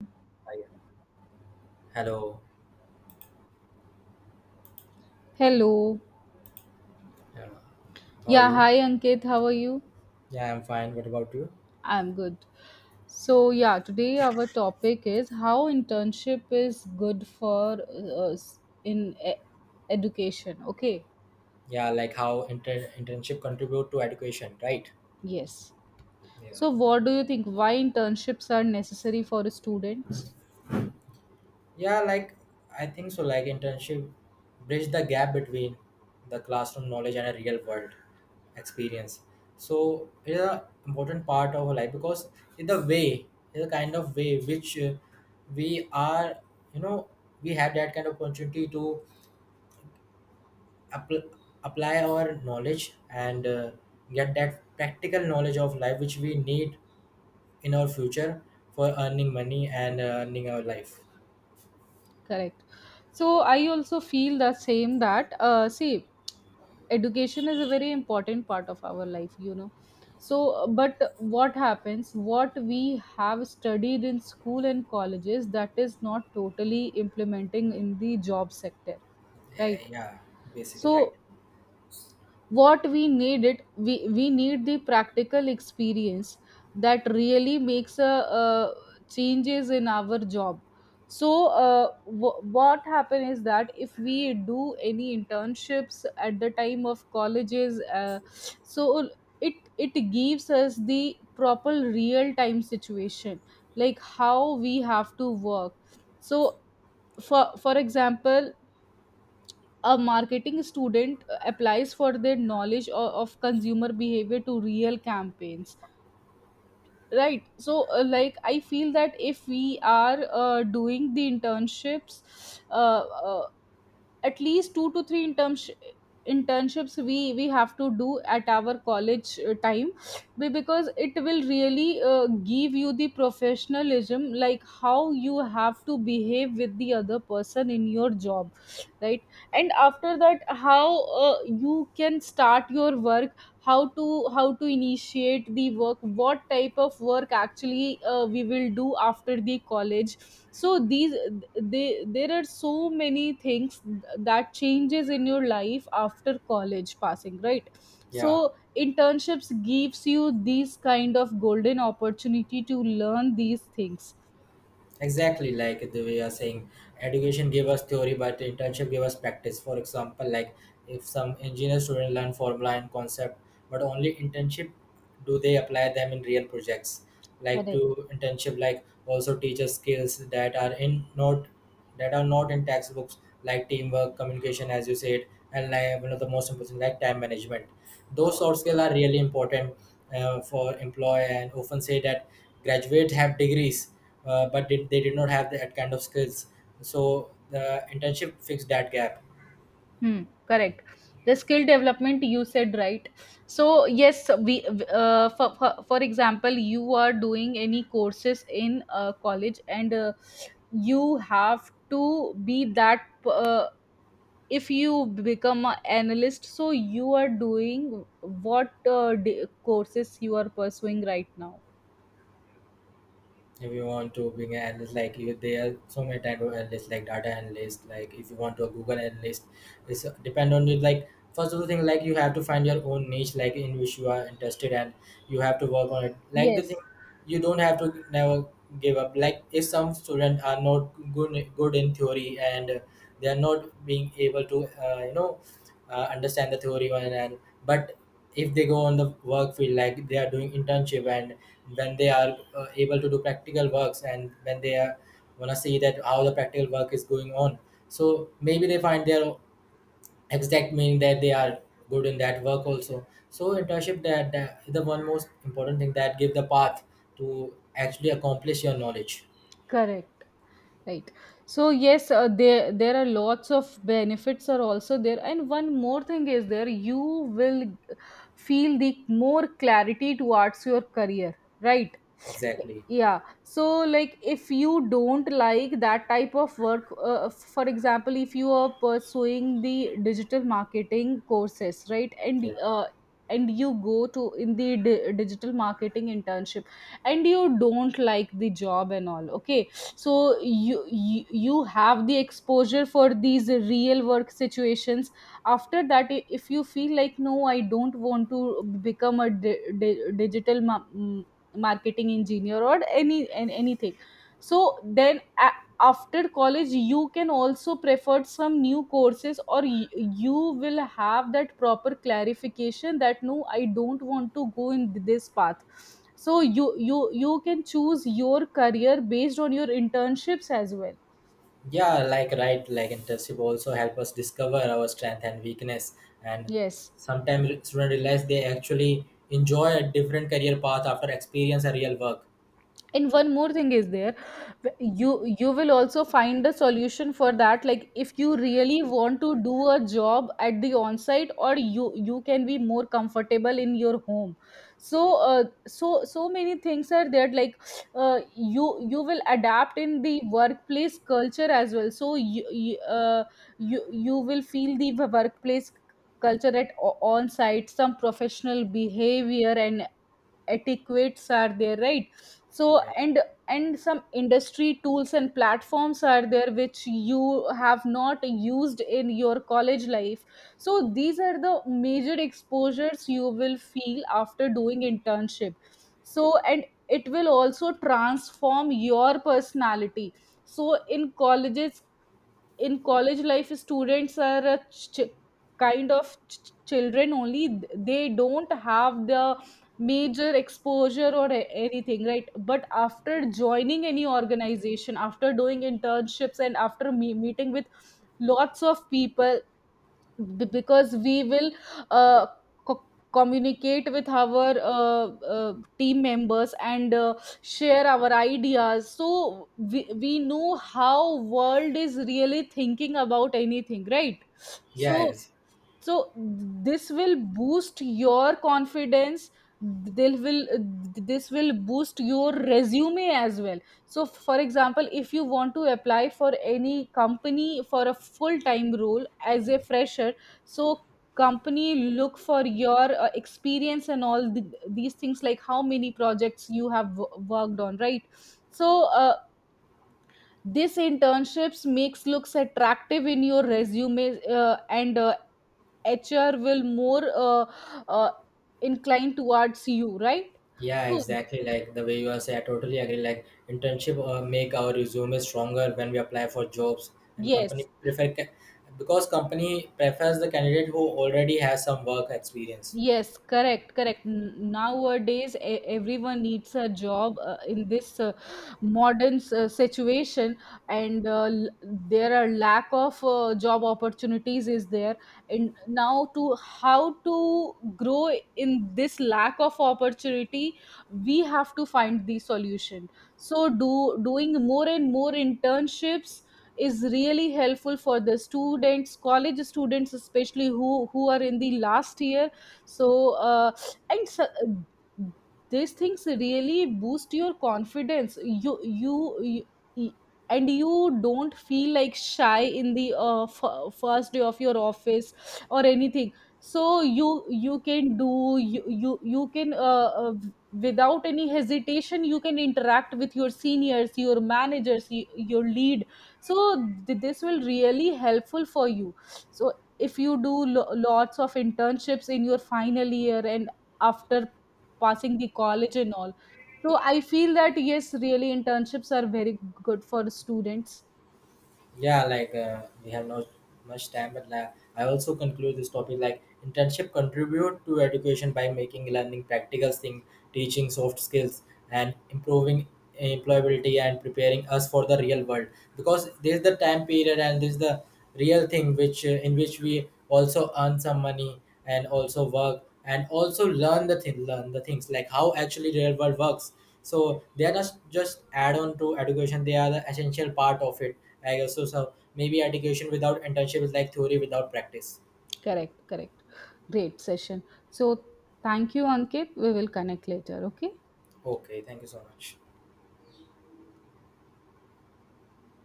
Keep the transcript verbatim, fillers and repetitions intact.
Hi. Hello. Hello. Yeah. How are Yeah, you? hi Ankit, how are you? Yeah, I'm fine. What about you? I'm good. So, yeah, today our topic is how internship is good for uh, us in e- education. Okay, Yeah, like how inter- internship contribute to education, right? yes. Yeah. So, what do you think? Why internships are necessary for students? Yeah, like I think so. Like internship bridge the gap between the classroom knowledge and a real world experience. So it's an important part of our life because in the way, it's a kind of way which uh, we are, you know, we have that kind of opportunity to appl- apply our knowledge and uh, get that practical knowledge of life which we need in our future for earning money and uh, earning our life. Correct. So, I also feel the same that, uh, see, education is a very important part of our life you know so uh, but what happens, what we have studied in school and colleges, that is not totally implementing in the job sector, right. Eh, yeah, basically right. So what we need it, we, we need the practical experience that really makes a, uh changes in our job. So uh, w- what happen is that if we do any internships at the time of colleges, uh, so it it gives us the proper real time situation, like how we have to work. So for for example, a marketing student uh, applies for their knowledge of, of consumer behavior to real campaigns, right. So uh, like I feel that if we are uh, doing the internships, uh, uh, at least two to three interns- internships we we have to do at our college uh, time, be- because it will really uh, give you the professionalism, like how you have to behave with the other person in your job, right. And after that, how uh, you can start your work, how to how to initiate the work, what type of work actually uh, we will do after the college. So these they there are so many things that changes in your life after college passing, right. So Yeah, internships gives you these kind of golden opportunity to learn these things. exactly, like the way you are saying, education gave us theory but internship gave us practice. For example, like if some engineer student learn formula and concept, but only internship do they apply them in real projects. Like Correct. to internship like also teaches skills that are in not, that are not in textbooks, like teamwork, communication, as you said, and like one of the most important, like time management. Those soft skills are really important uh, for employer and often say that graduates have degrees uh, but did, they did not have that kind of skills. So the internship fixed that gap. Hmm, correct. The skill development, you said, right. So yes, we uh, for, for for example, you are doing any courses in uh, college, and uh, you have to be that. Uh, if you become an analyst, so you are doing what uh, d- courses you are pursuing right now. If you want to being an analyst like you, there are so many type of analysts, like data analyst, like if you want to a google analyst, it's uh, depend on you. Like first of the thing, like you have to find your own niche, like in which you are interested, and you have to work on it, like the thing Yes, you don't have to never give up. Like if some students are not good good in theory and uh, they are not being able to uh, you know, uh, understand the theory one, and but if they go on the work field, like they are doing internship, and when they are uh, able to do practical works, and when they are want to see that how the practical work is going on, so maybe they find their exact meaning that they are good in that work also. So internship, that, that is the one most important thing that give the path to actually accomplish your knowledge. correct. Right. So yes, uh, there there are lots of benefits are also there, and one more thing is there. You will feel the more clarity towards your career, right? Exactly. Yeah. So like, if you don't like that type of work, uh, for example, if you are pursuing the digital marketing courses, right, and Yeah. uh, and you go to in the di- digital marketing internship, and you don't like the job and all, okay. So you, you you have the exposure for these real work situations. After that, i- if you feel like, no, I don't want to become a di- di- digital ma- mm, marketing engineer or any an- anything. So then, a- after college you can also prefer some new courses, or y- you will have that proper clarification that, no, I don't want to go in this path. So you you you can choose your career based on your internships as well. Yeah, like right, like internship also help us discover our strength and weakness, and Yes. sometimes students realize they actually enjoy a different career path after experience a real work. And one more thing is there, you you will also find a solution for that. Like if you really want to do a job at the on-site, or you you can be more comfortable in your home. So uh, so so many things are there, like uh, you you will adapt in the workplace culture as well. So you you, uh, you, you will feel the workplace culture at on site, some professional behavior and etiquettes are there, right. So Yeah. and and some industry tools and platforms are there which you have not used in your college life. So these are the major exposures you will feel after doing internship. So, and it will also transform your personality. So in colleges, in college life, students are a ch- kind of ch- children only. They don't have the major exposure or a- anything, right. But after joining any organization, after doing internships, and after me- meeting with lots of people, b- because we will uh, co- communicate with our uh, uh, team members and uh, share our ideas. So we, we know how world is really thinking about anything, right. Yeah, So, ex- so this will boost your confidence. They will This will boost your resume as well. So for example, if you want to apply for any company for a full time role as a fresher, so company look for your uh, experience and all the, these things, like how many projects you have w- worked on, right. So uh, this internships makes looks attractive in your resume, uh, and uh, H R will more uh, uh, incline towards you, right? yeah, So exactly. Like the way you are saying, I totally agree. Like internship uh, make our resume stronger when we apply for jobs, and yes, company prefer ca- because company prefers the candidate who already has some work experience. yes, correct, correct. N- Nowadays, e- everyone needs a job uh, in this uh, modern s- uh, situation, and uh, l- there are lack of uh, job opportunities is there. And now, to how to grow in this lack of opportunity, we have to find the solution. So, do doing more and more internships is really helpful for the students, college students, especially who who are in the last year. So uh, and so, these things really boost your confidence, you you, you, and you don't feel like shy in the uh, f- first day of your office or anything. So you you can do you you, you can uh, uh, without any hesitation you can interact with your seniors, your managers, y- your lead. So th- this will really helpful for you. So if you do lo- lots of internships in your final year and after passing the college and all, so I feel that, yes, really internships are very good for students. Yeah, like uh, we have not much time, but like, I also conclude this topic. Like internship contribute to education by making learning practical thing, teaching soft skills, and improving employability and preparing us for the real world. Because this is the time period and this is the real thing which uh, in which we also earn some money and also work and also learn the thing learn the things, like how actually real world works. So they are not just add on to education, they are the essential part of it, I guess so. So maybe education without internship is like theory without practice. Correct, correct. Great session. So thank you, Ankit, we will connect later, okay. Okay, thank you so much.